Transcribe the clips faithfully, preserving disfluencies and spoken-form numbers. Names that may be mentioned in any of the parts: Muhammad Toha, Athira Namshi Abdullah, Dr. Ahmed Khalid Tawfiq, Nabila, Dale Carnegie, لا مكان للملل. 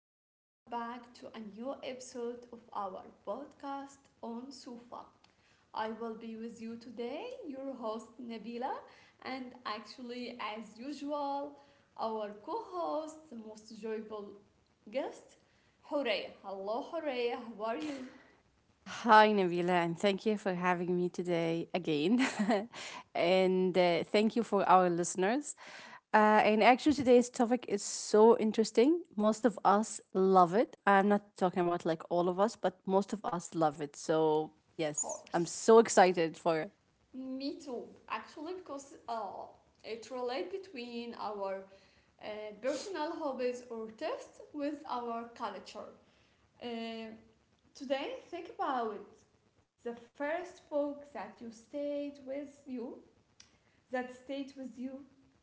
and welcome back to a new episode of our podcast on Sufa. I will be with you today, your host Nabila, and actually, as usual, our co host, the most joyful guest, Horea. Hello, Horea, how are you? Hi, Nabila, and thank you for having me today again. and uh, Thank you for our listeners. Uh, and actually, today's topic is so interesting. Most of us love it. I'm not talking about like all of us, but most of us love it. So, Of yes, I'm course. so excited for it. Me too, actually, because uh, it relates between our uh, personal hobbies or tastes with our culture. Uh, Today, think about the first book that you stayed with you, that stayed with you.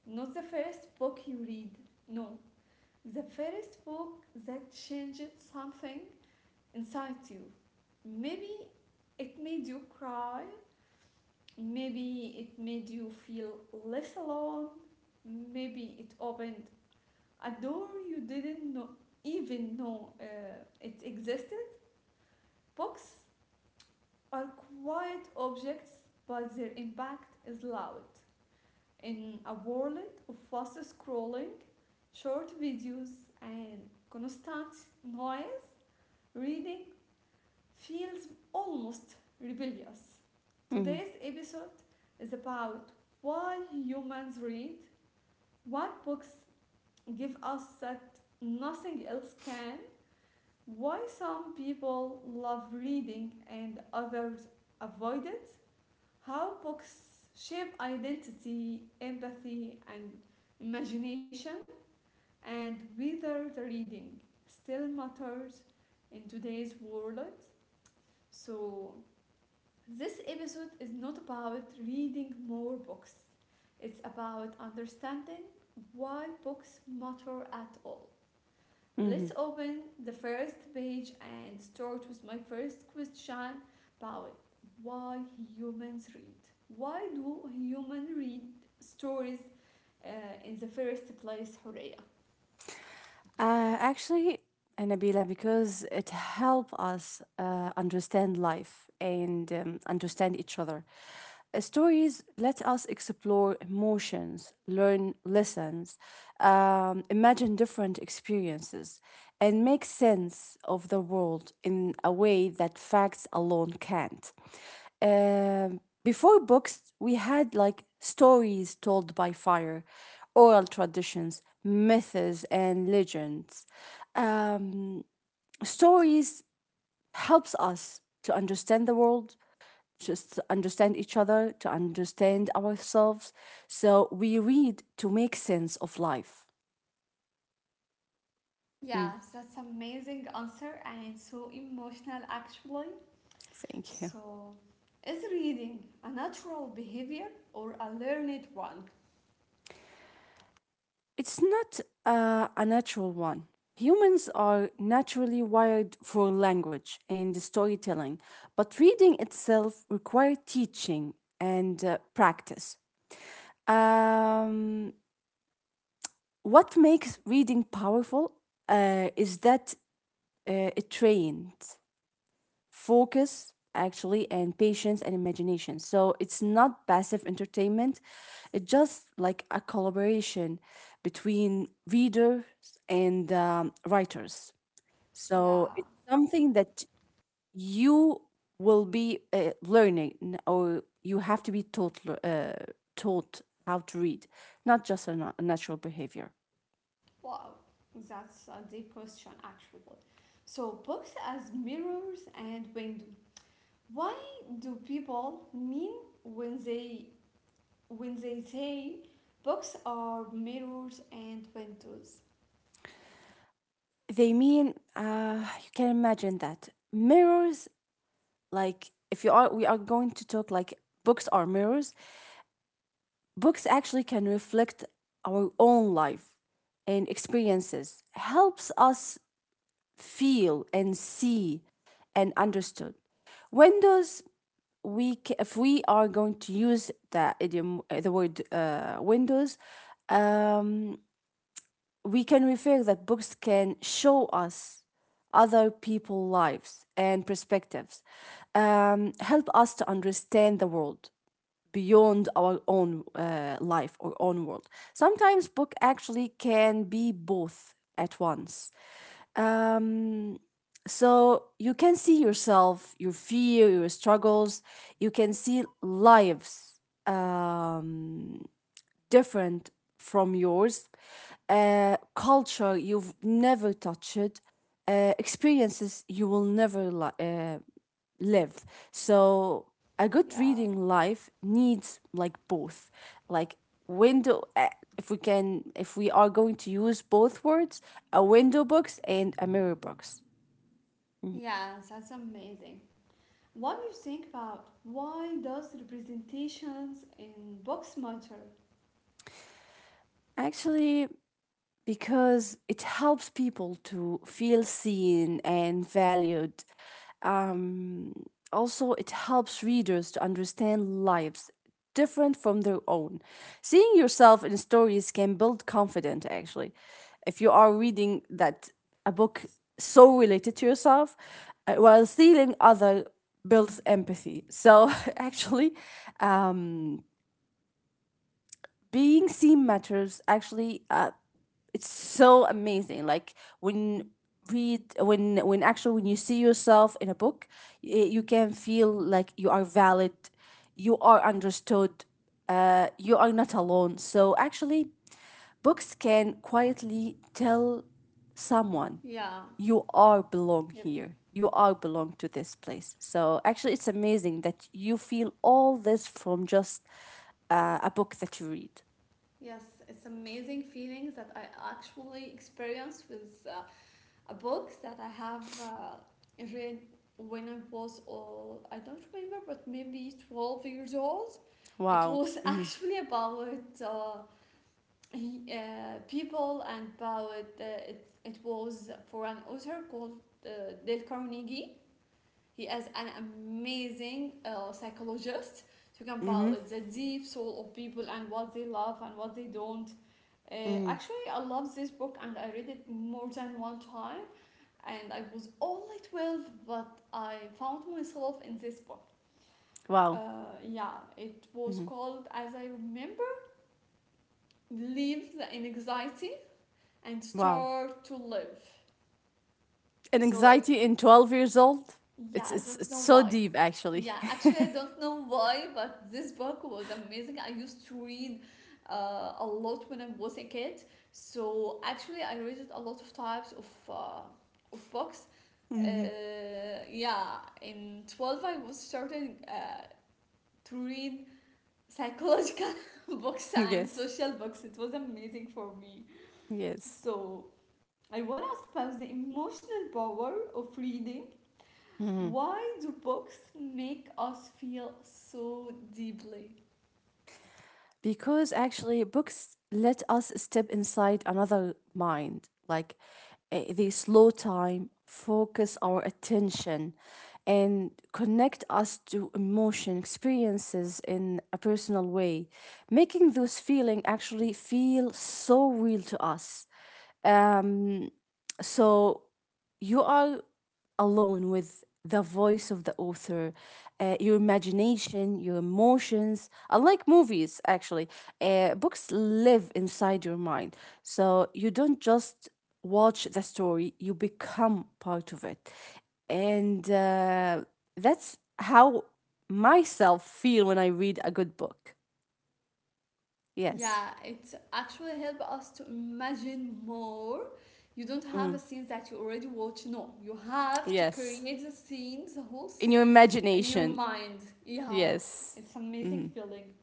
Not the first book you read, no. The first book that changed something inside you. Maybe it made you cry, maybe it made you feel less alone, maybe it opened a door you didn't know, even know uh, it existed. Books are quiet objects, but their impact is loud. In a world of fast scrolling, short videos, and constant noise, reading feels almost rebellious. Mm-hmm. Today's episode is about why humans read, what books give us that nothing else can, why some people love reading and others avoid it, how books shape identity, empathy, and imagination, and whether the reading still matters in today's world. So, this episode is not about reading more books, it's about understanding why books matter at all. Let's open the first page and start with my first question about why humans read. Why do humans read stories uh, in the first place, Horea? Uh, actually, uh, Nabila, because it helps us uh, understand life and um, understand each other. Uh, Stories let us explore emotions, learn lessons, um, imagine different experiences, and make sense of the world in a way that facts alone can't. Um, before books, we had like stories told by fire oral traditions, myths, and legends. Um, Stories helps us to understand the world, just to understand each other, to understand ourselves. So we read to make sense of life. Mm, Yeah, that's amazing answer and so emotional actually. thank you. So, is reading a natural behavior or a learned one? It's not uh, a natural one. Humans are naturally wired for language and storytelling, but reading itself requires teaching and uh, practice. Um, what makes reading powerful uh, is that uh, it trains focus, actually, and patience and imagination. So it's not passive entertainment, it's just like a collaboration between readers and um, writers. So Yeah, it's something that you will be uh, learning n- or you have to be taught, le- uh, taught how to read, not just a, na- a natural behavior. wow, that's a deep question, actually. So, books as mirrors and window. Why do people mean when they when they say books are mirrors and windows? They mean uh, you can imagine that mirrors. Like if you are, we are going to talk like books are mirrors. Books actually can reflect our own life and experiences. Helps us feel and see and understood. Windows. We ca- if we are going to use the idiom, uh, the word uh, windows. Um, we can refer that books can show us other people's lives and perspectives, um, help us to understand the world beyond our own uh, life or own world. Sometimes book actually can be both at once. Um, so you can see yourself, your fear, your struggles. You can see lives um, different from yours, uh, culture you've never touched, uh, experiences you will never li- uh, live. So a good Yeah, reading life needs like both, like window. Uh, if we can, if we are going to use both words, a window box and a mirror box. yeah, that's amazing. What do you think about why does representations in books matter? Actually, because it helps people to feel seen and valued. Um, Also, it helps readers to understand lives different from their own. Seeing yourself in stories can build confidence, actually. If you are reading that a book so related to yourself, uh, while seeing other builds empathy. So actually, um, being seen matters actually, uh, it's so amazing, like when read when when actually when you see yourself in a book, y- you can feel like you are valid, you are understood, uh, you are not alone. So actually books can quietly tell someone Yeah, you are belong yep. here, you are belong to this place. So actually it's amazing that you feel all this from just uh, a book that you read. Yes, it's amazing feelings that I actually experienced with uh, a book that I have uh, read when I was all I don't remember, but maybe twelve years old. It Wow. was Mhm. actually about uh, uh, people and about uh, it. It was for an author called uh, Dale Carnegie. He is an amazing uh, psychologist talking Mhm. about the deep soul of people and what they love and what they don't. Uh, Mhm. actually, I love this book and I read it more than one time and I was only twelve, but I found myself in this book. Wow. Uh, yeah, it was Mhm. called, as I remember, Leave the Anxiety and Wow. Start to Live. And So it anxiety in twelve years old? Yeah, It's I it's don't it's know so why. deep actually. Yeah, actually, I don't know why, but this book was amazing. I used to read uh, a lot when I was a kid. So actually, I read it a lot of types of uh, of books. Uh, yeah, in twelve, I was starting uh, to read psychological books and Yes. social books. It was amazing for me. Yes. So I want to espouse the emotional power of reading, why do books make us feel so deeply? Because actually books let us step inside another mind, like eh, they slow time, focus our attention, and connect us to emotion experiences in a personal way, making those feeling actually feel so real to us. um so you are alone with the voice of the author, uh, your imagination, your emotions. Unlike movies, actually, uh, books live inside your mind. So you don't just watch the story, you become part of it. And uh, that's how myself feel when I read a good book. Yes. Yeah, it actually helps us to imagine more. You don't have a Mm, scene that you already watch. No, you have to yes. create the scene, the whole In your scene in your imagination. mind. Yeah. Yes. It's amazing Mm. feeling.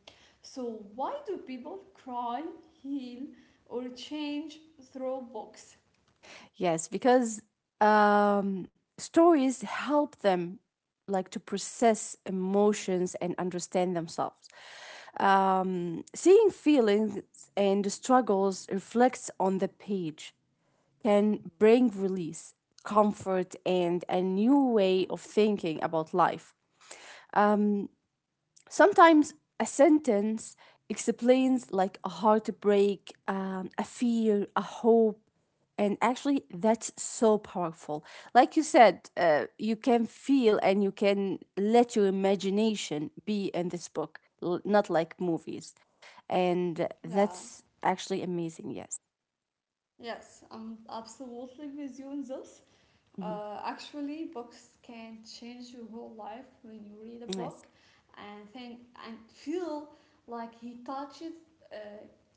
So why do people cry, heal, or change through books? Yes, because um, stories help them like to process emotions and understand themselves. Um, seeing feelings and struggles reflects on the page can bring release, comfort, and a new way of thinking about life. Sometimes a sentence explains like a heartbreak, um, a fear, a hope, and actually that's so powerful. Like you said, uh, you can feel and you can let your imagination be in this book, l- not like movies, and Yeah. that's actually amazing. Yes. Yes, I'm absolutely with you on this. Mhm. Uh, actually, books can change your whole life when you read a Yes, book and think and feel like he touches uh,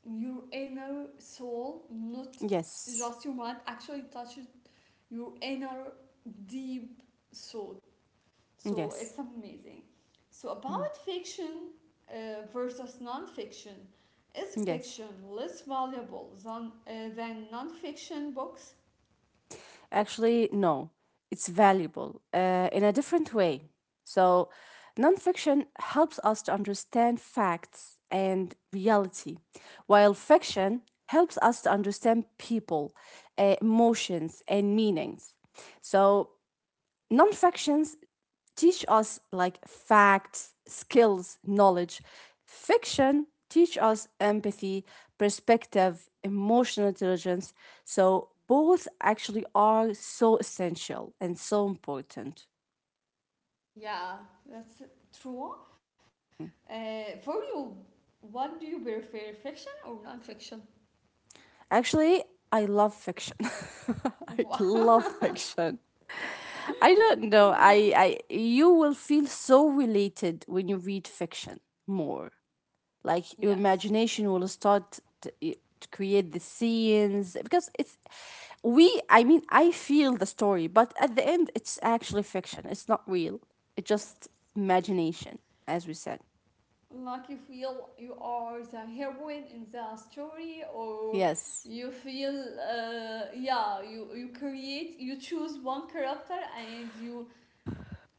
your inner soul, not yes, just your mind. Actually, touches your inner deep soul. So yes. it's amazing. So Mhm. about fiction uh, versus non-fiction, is Yes. fiction less valuable than uh, than non-fiction books? Actually, no, it's valuable uh, in a different way. So, nonfiction helps us to understand facts and reality, while fiction helps us to understand people, uh, emotions, and meanings. So, non-fictions teach us like facts, skills, knowledge. Fiction teach us empathy, perspective, emotional intelligence. So both actually are so essential and so important. Yeah, that's true. Uh, for you, what do you prefer, fiction or non-fiction? Actually, I love fiction. Wow. I love fiction. I don't know. I, Yeah. I You will feel so related when you read fiction more. Like your Yes. imagination will start to, to create the scenes because it's we I mean I feel the story, but at the end it's actually fiction, it's not real, it's just Yes. imagination, as we said. Like you feel you are the heroine in the story, or Yes. you feel uh yeah, you you create, you choose one character and you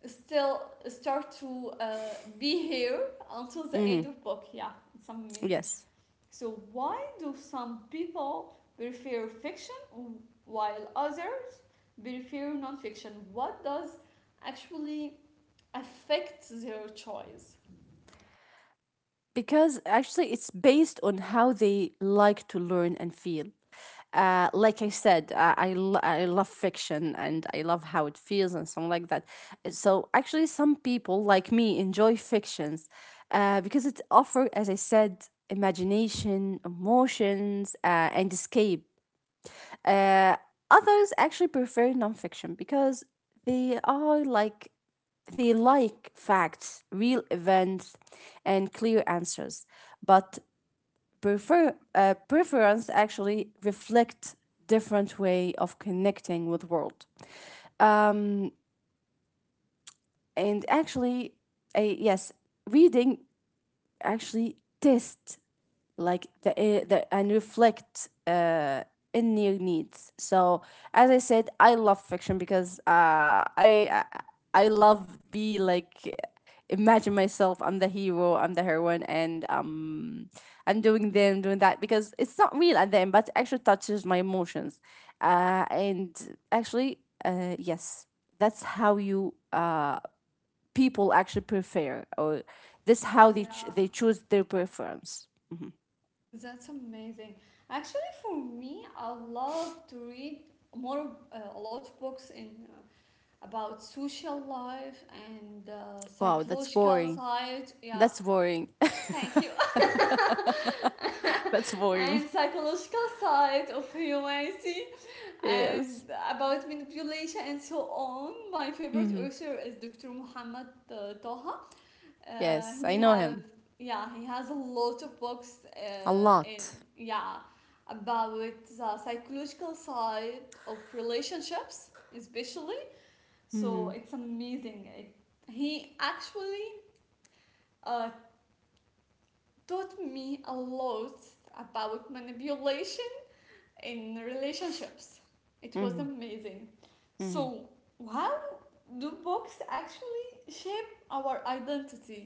still start to uh be here until the end Mm-hmm. of book. Yeah, it's amazing. Yes, So why do some people prefer fiction while others prefer non-fiction? What does actually affect their choice? because actually it's based on how they like to learn and feel. Uh, like I said, I, I, lo- I love fiction and I love how it feels and something like that. Uh, So actually, some people like me enjoy fictions uh, because it offers, as I said, imagination, emotions, uh, and escape. Uh, Others actually prefer nonfiction because they are like they like facts, real events, and clear answers, but prefer uh, preference actually reflect different way of connecting with world. Um, and actually, uh, yes, reading actually tests like the, uh, the and reflect uh, in your needs. So as I said, I love fiction because uh, I I love to be like imagine myself I'm the hero, I'm the heroine, and um I'm doing this, doing that because it's not real at the end, but it actually touches my emotions. Uh, and actually, uh, yes, that's how you uh people actually prefer, or this how they ch- Yeah, they choose their preference. Mhm. that's amazing. Actually, for me, I love to read more uh, a lot of books in uh, about social life and uh, Wow, that's psychological boring. side. Yeah, That's boring. thank you. That's And boring. psychological side of humanity and Yes. about manipulation and so on. My favorite Hmm. author is doctor Muhammad uh, Toha. Uh, Yes, I he know have him Yeah, he has a lot of books a uh, lot. in yeah about the psychological side of relationships especially. So it's amazing. It, he actually uh, taught me a lot about manipulation in relationships. It was amazing. So, how do books actually shape our identity?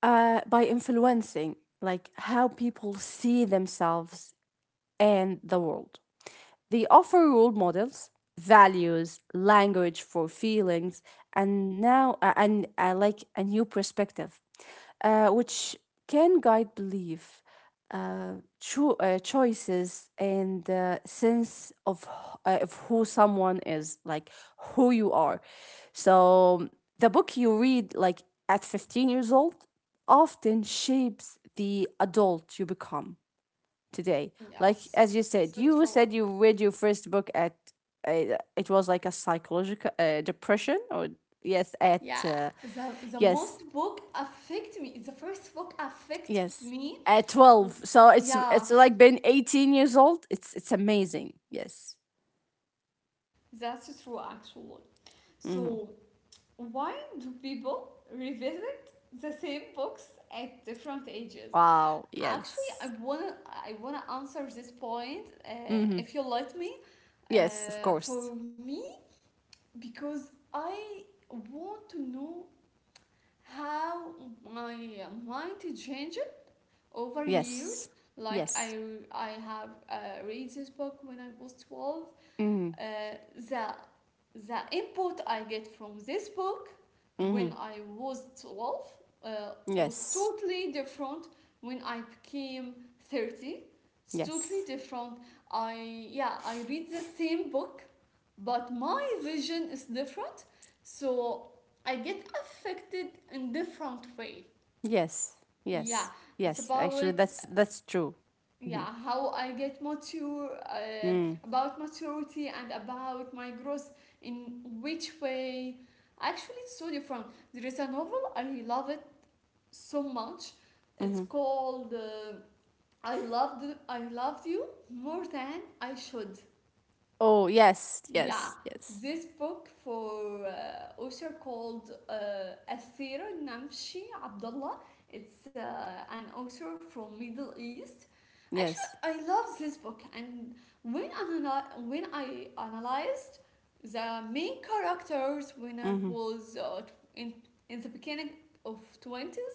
Uh, by influencing, like how people see themselves and the world. They offer role models, values, language for feelings, and now uh, and uh, like a new perspective, uh, which can guide belief, uh, cho- uh, choices, and uh, sense of h- uh, of who someone is, like who you are. So the book you read, like at fifteen years old, often shapes the adult you become today. Like Yes, as you said, so you true. said you read your first book at uh, it was like a psychological uh, depression, or yes at Yeah, uh, the, the yes, most book affect me. The first book affect yes, me. at twelve, so it's Yeah, it's like been eighteen years old, it's it's amazing. Yes. that's true, actually. Hmm. So, why do people revisit the same books at different ages? Wow. Actually, I Yes. wanna I wanna answer this point, uh, Hmm. if you let me. Yes, of Uh, course. for me, because I want to know how my mind changed over Yes, years. Like yes. I I have uh, read this book when I was twelve, Hmm. uh, the the input I get from this book Hmm. when I was twelve uh, was Yes, totally different when I became thirty. It's totally yes, different. I yeah, I read the same book, but my vision is different. So I get affected in different way. yes, Yeah, yes. it's Yes, about actually that's that's true. Mm-hmm. yeah how I get mature uh, about maturity and about my growth in which way actually it's so different. There is a novel I love it so much it's Mm-hmm. called uh, I loved I loved you more than I should. Oh, yes, Yeah, yes, yes, this book for uh, author called uh, Athira Namshi Abdullah. It's uh, an author from Middle East. Actually, yes. I love this book, and when analy- when I analyzed the main characters when I Mm-hmm. was uh, tw- in in the beginning of twenties,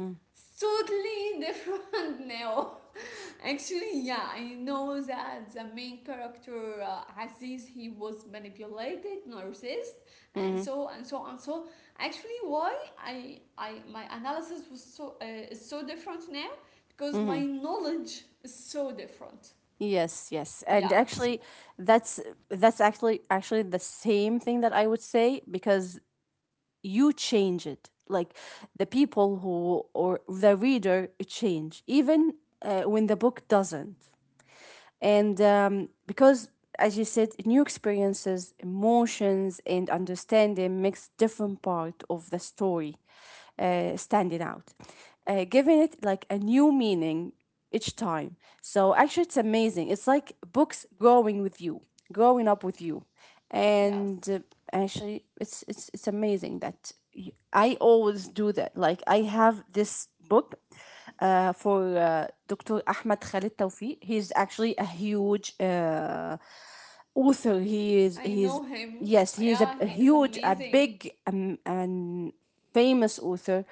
Mm-hmm. it's totally different now. Actually, yeah, I know that the main character uh, Aziz he was manipulated, narcissist, and so and so and so. Actually, why I I my analysis was so uh, is so different now because my knowledge is so different. Yes, yes. And Yeah, s- actually that's that's actually actually the same thing that I would say because you change it, like the people who or the reader change even uh, when the book doesn't. And um, Because as you said, new experiences, emotions, and understanding makes different part of the story uh, standing out, uh, giving it like a new meaning each time. So actually it's amazing, it's like books growing with you, growing up with you. yes, And uh, Actually it's it's it's amazing that y- I always do that. Like I have this book uh, for uh, doctor Ahmed Khalid Tawfiq. He's actually a huge uh, author, he is I he's know him. Yes, he is a, Yeah, a he is huge, a amazing. big, um, and famous author,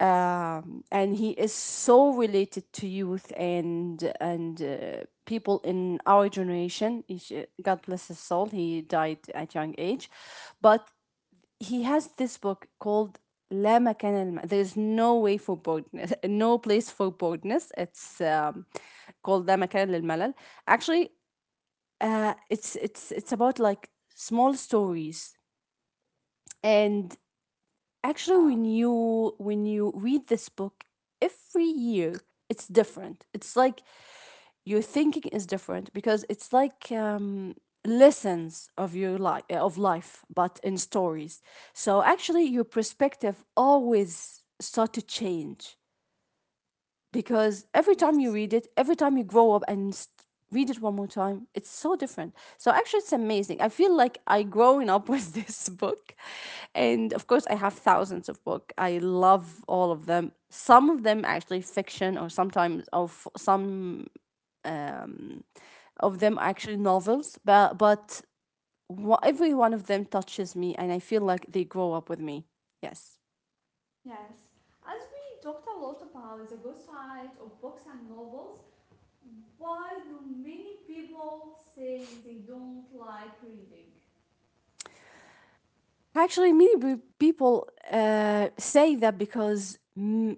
um, and he is so related to youth and and uh, people in our generation. He sh- God bless his soul. He died at young age, but he has this book called لا مكان الم... There is no way for boredness, no place for boredness. It's um, called لا مكان للملل. Actually, uh, it's it's it's about like small stories and actually, Yeah, when you when you read this book, every year it's different. It's like your thinking is different because it's like um, lessons of your life of life, but in stories. So actually, your perspective always start to change because every time you yes. read it, every time you grow up and s- read it one more time, it's so different. So actually, it's amazing. I feel like I growing up with this book, and of course, I have thousands of book. I love all of them. Some of them actually fiction, or sometimes of some of them actually novels. But but wha- every one of them touches me, and I feel like they grow up with me. Yes. Yes. As we talked a lot about the good side of books and novels, why do many people say they don't like reading? Actually, many pe- people uh, say that because mm,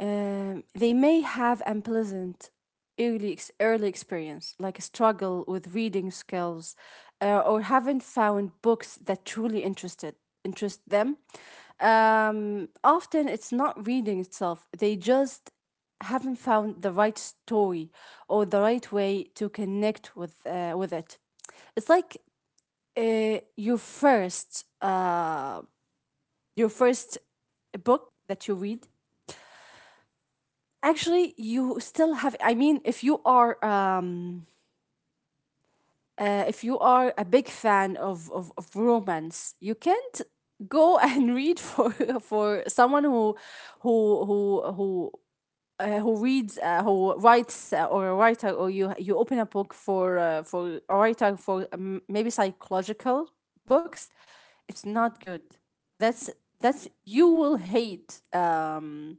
um, they may have unpleasant early ex- early experience, like a struggle with reading skills, uh, or haven't found books that truly interested interest them. Um, often, it's not reading itself; they just haven't found the right story or the right way to connect with uh, with it. It's like uh, your first uh, your first book that you read actually you still have. I mean if you are um, uh, if you are a big fan of, of, of romance, you can't go and read for for someone who who who who uh, who reads, uh, who writes, uh, or a writer, or you you open a book for uh, for a writer, for um, maybe psychological books. It's not good. That's that's you will hate um,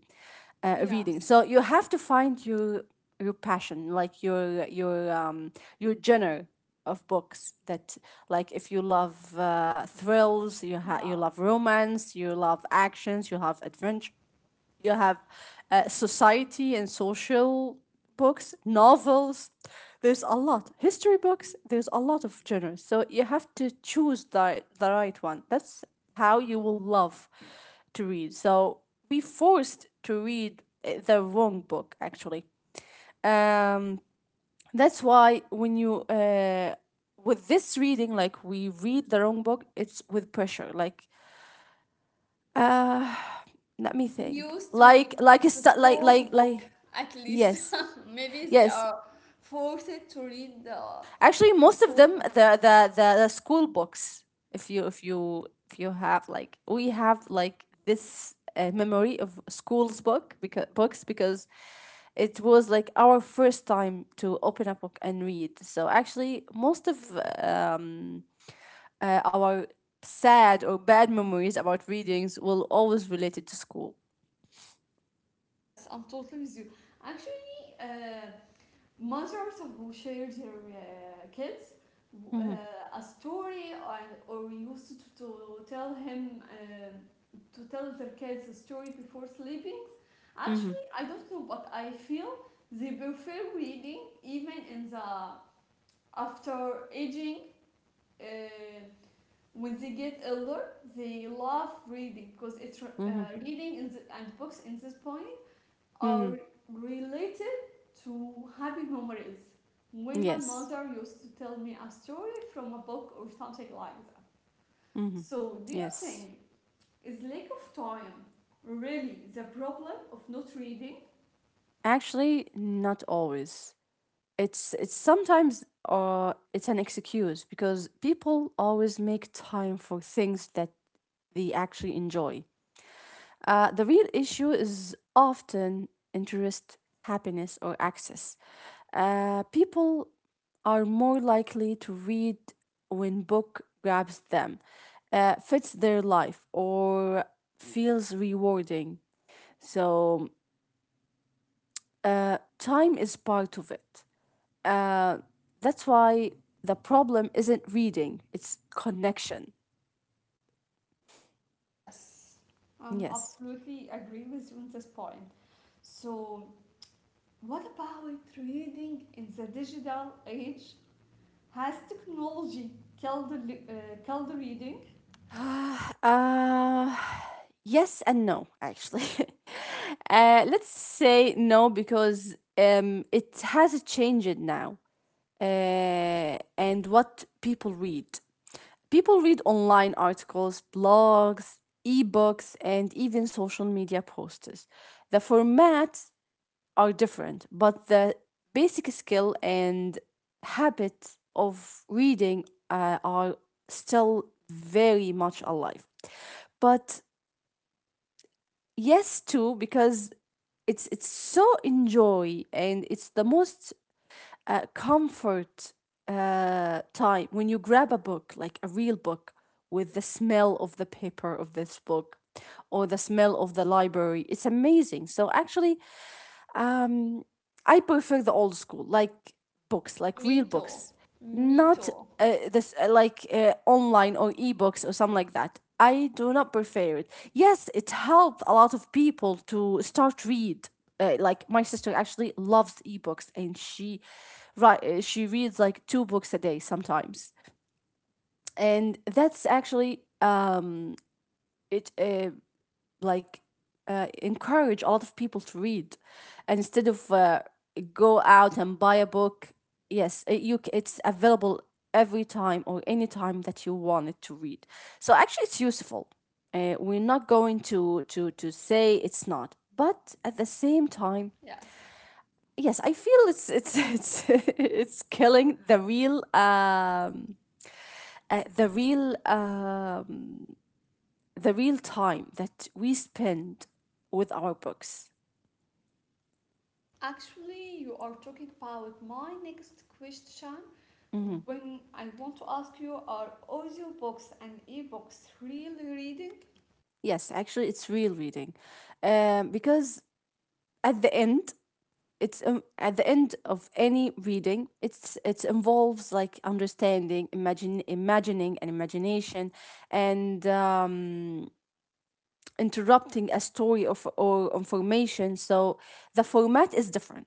uh, reading. Yes, So you have to find your your passion like your your um, your genre of books, that like if you love uh, thrills, you ha- yeah. you love romance, you love actions, you love adventure, you have uh, society and social books, novels. There's a lot. History books, there's a lot of genres. So you have to choose the, the right one. That's how you will love to read. So we forced to read uh, the wrong book, actually. Um, that's why when you, uh, with this reading, like we read the wrong book, it's with pressure. Like, let me We think. used to read Like, like, a the stu- like, school's like, book like, at least. yes. Maybe they Yes, are forced to read the actually, most of school's them book. the the the, the school books. If you if you if you have like we have like this uh, memory of school's book because books because it was like our first time to open a book and read. So actually, most of um, uh, our sad or bad memories about readings will always related to school. Yes, I'm totally with you. Actually, uh, mothers who share their uh, kids Mm-hmm. uh, a story, or, or used to, to tell him uh, to tell their kids a story before sleeping. Mm-hmm. Actually, I don't know, but I feel they prefer reading even in the after aging. Uh, when they get older, they love reading because it's, uh, Mm-hmm. reading in the, and books in this point are Mm-hmm. related to happy memories. When my Yes. mother used to tell me a story from a book or something like that. Mm-hmm. So, do you Yes. think is lack of time really the problem of not reading? Actually, not always. it's it's sometimes uh it's an excuse because people always make time for things that they actually enjoy. Uh, the real issue is often interest, happiness, or access. Uh, people are more likely to read when book grabs them, uh, fits their life, or feels rewarding. So uh, time is part of it. Uh, that's why the problem isn't reading, it's connection. Yes. Um, Yes. absolutely agree with you on this point. So, what about reading in the digital age? Has technology killed the, li- uh, killed the reading? Uh, yes and no, actually. Uh, let's say no because um, it has changed now. Uh, and what people read. People read online articles, blogs, ebooks, and even social media posters. The format are different, but the basic skill and habit of reading uh, are still very much alive. But yes, too, because it's it's so enjoy and it's the most uh, comfort uh, time when you grab a book like a real book with the smell of the paper of this book or the smell of the library. It's amazing. So actually, um, I prefer the old school, like books, like Me real too. books, Me not too. uh, this uh, like uh, online or ebooks or something like that. I do not prefer it. Yes, it helped a lot of people to start read. Uh, like my sister actually loves ebooks and she right uh, she reads like two books a day sometimes, and that's actually um it uh, like uh, encourage a lot of people to read, and instead of uh, go out and buy a book, yes, it, you it's available every time or any time that you want it to read. So actually, it's useful. Uh, we're not going to to to say it's not, but at the same time, Yes. yes, I feel it's it's it's it's killing the real um uh, the real uh the real time that we spend with our books. Actually, you are talking about my next question. When I want to ask you, are audiobooks and ebooks really reading? Yes, actually, it's real reading, um, because at the end, it's um, at the end of any reading, it's it involves like understanding, imagine, imagining, and imagination, and um, interrupting a story of or information. So the format is different.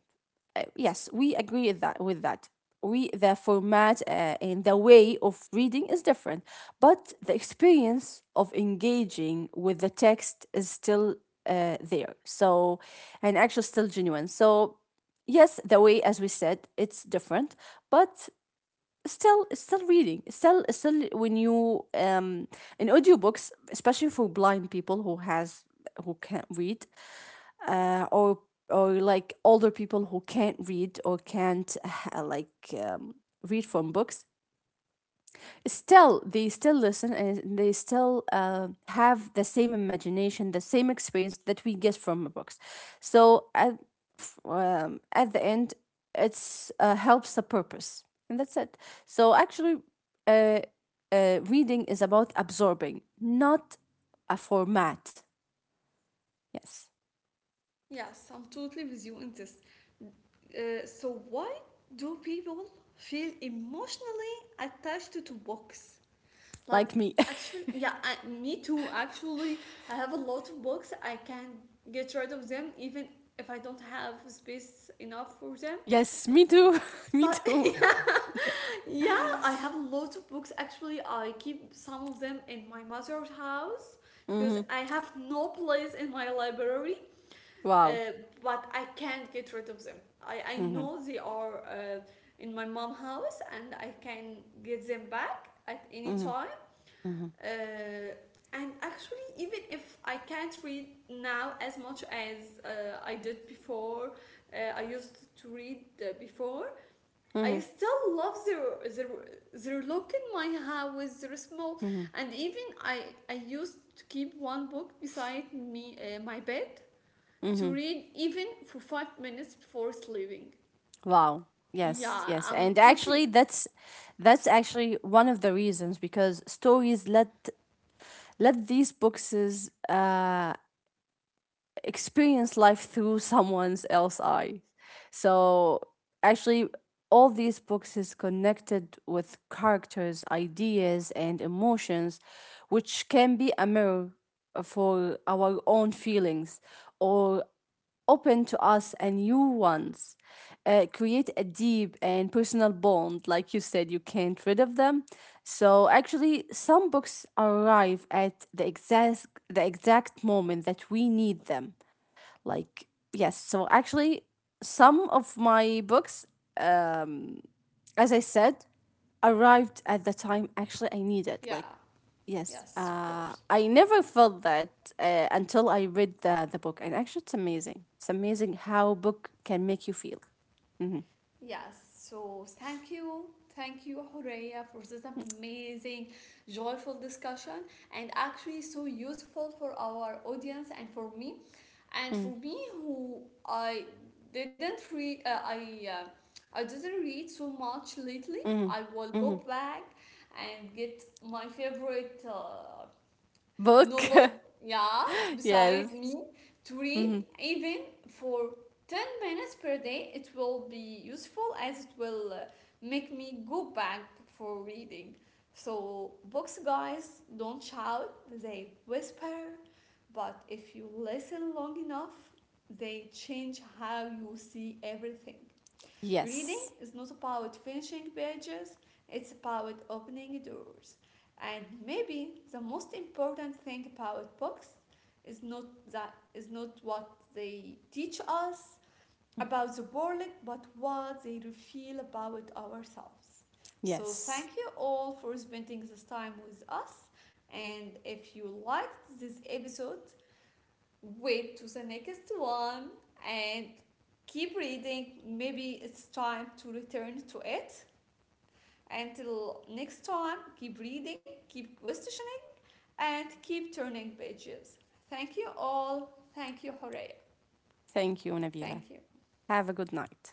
uh, Yes, we agree with that. With that, we the format uh, and the way of reading is different, but the experience of engaging with the text is still uh, there. So, and actually still genuine. So, yes, the way, as we said, it's different, but still it's still reading. It's still it's still when you um in audiobooks, especially for blind people who has who can't read, uh, or or like older people who can't read or can't uh, like um, read from books, still they still listen and they still uh, have the same imagination, the same experience that we get from books. So at, um, at the end, it's uh, helps the purpose, and that's it. So actually, uh, uh, reading is about absorbing, not a format. Yes. Yes, I'm totally with you in this. Uh, so, why do people feel emotionally attached to books? Like, Like me. actually, yeah, I, me too. Actually, I have a lot of books. I can get rid of them even if I don't have space enough for them. Yes, me too. Me But too. yeah, I have a lot of books. Actually, I keep some of them in my mother's house because Mm-hmm. I have no place in my library. Wow. Uh, but I can't get rid of them. I, I Hmm. know they are uh, in my mom house and I can get them back at any Mm-hmm. time. Mm-hmm. Uh, and actually, even if I can't read now as much as uh, I did before, uh, I used to read uh, before, I Mm-hmm. still love their, their, their look in my house, their small. Mm-hmm. And even I, I used to keep one book beside me, uh, my bed to read even for five minutes before sleeping. Wow. Yes, Yeah, yes. I'm And totally. actually that's that's actually one of the reasons, because stories let let these boxes uh experience life through someone's else eyes. So actually, all these books is connected with characters, ideas and emotions, which can be a mirror for our own feelings, or open to us and new ones, uh, create a deep and personal bond. Like you said, you can't rid of them. So actually, some books arrive at the exact the exact moment that we need them. Like, yes. So actually, some of my books, um, as I said, arrived at the time actually I needed. Yeah, Like, yes. yes, of Uh, course. I never felt that uh, until I read the, the book. And actually, it's amazing. It's amazing how book can make you feel. Hmm. Yes, so thank you. Thank you, Horeya, for this amazing, joyful discussion and actually so useful for our audience and for me. And for me, who I didn't read, uh, I, uh, I didn't read so much lately, Hmm. I will Hmm. go back and get my favorite uh, Book. novel, yeah, Yes. beside me to read Hmm. even for ten minutes per day. It will be useful as it will uh, make me go back for reading. So, books, guys, don't shout, they whisper, but if you listen long enough, they change how you see everything. Reading Yes. is not about finishing pages, it's about opening doors. And maybe the most important thing about books is not that is not what they teach us Mm-hmm. about the world, but what they reveal about ourselves. So Yes. thank you all for spending this time with us. And if you liked this episode, wait to the next one. And keep reading. Maybe it's time to return to it. Until next time, keep reading, keep questioning, and keep turning pages. Thank you all. Thank you, Horea. Thank you, Thank you. Nabila. Have a good night.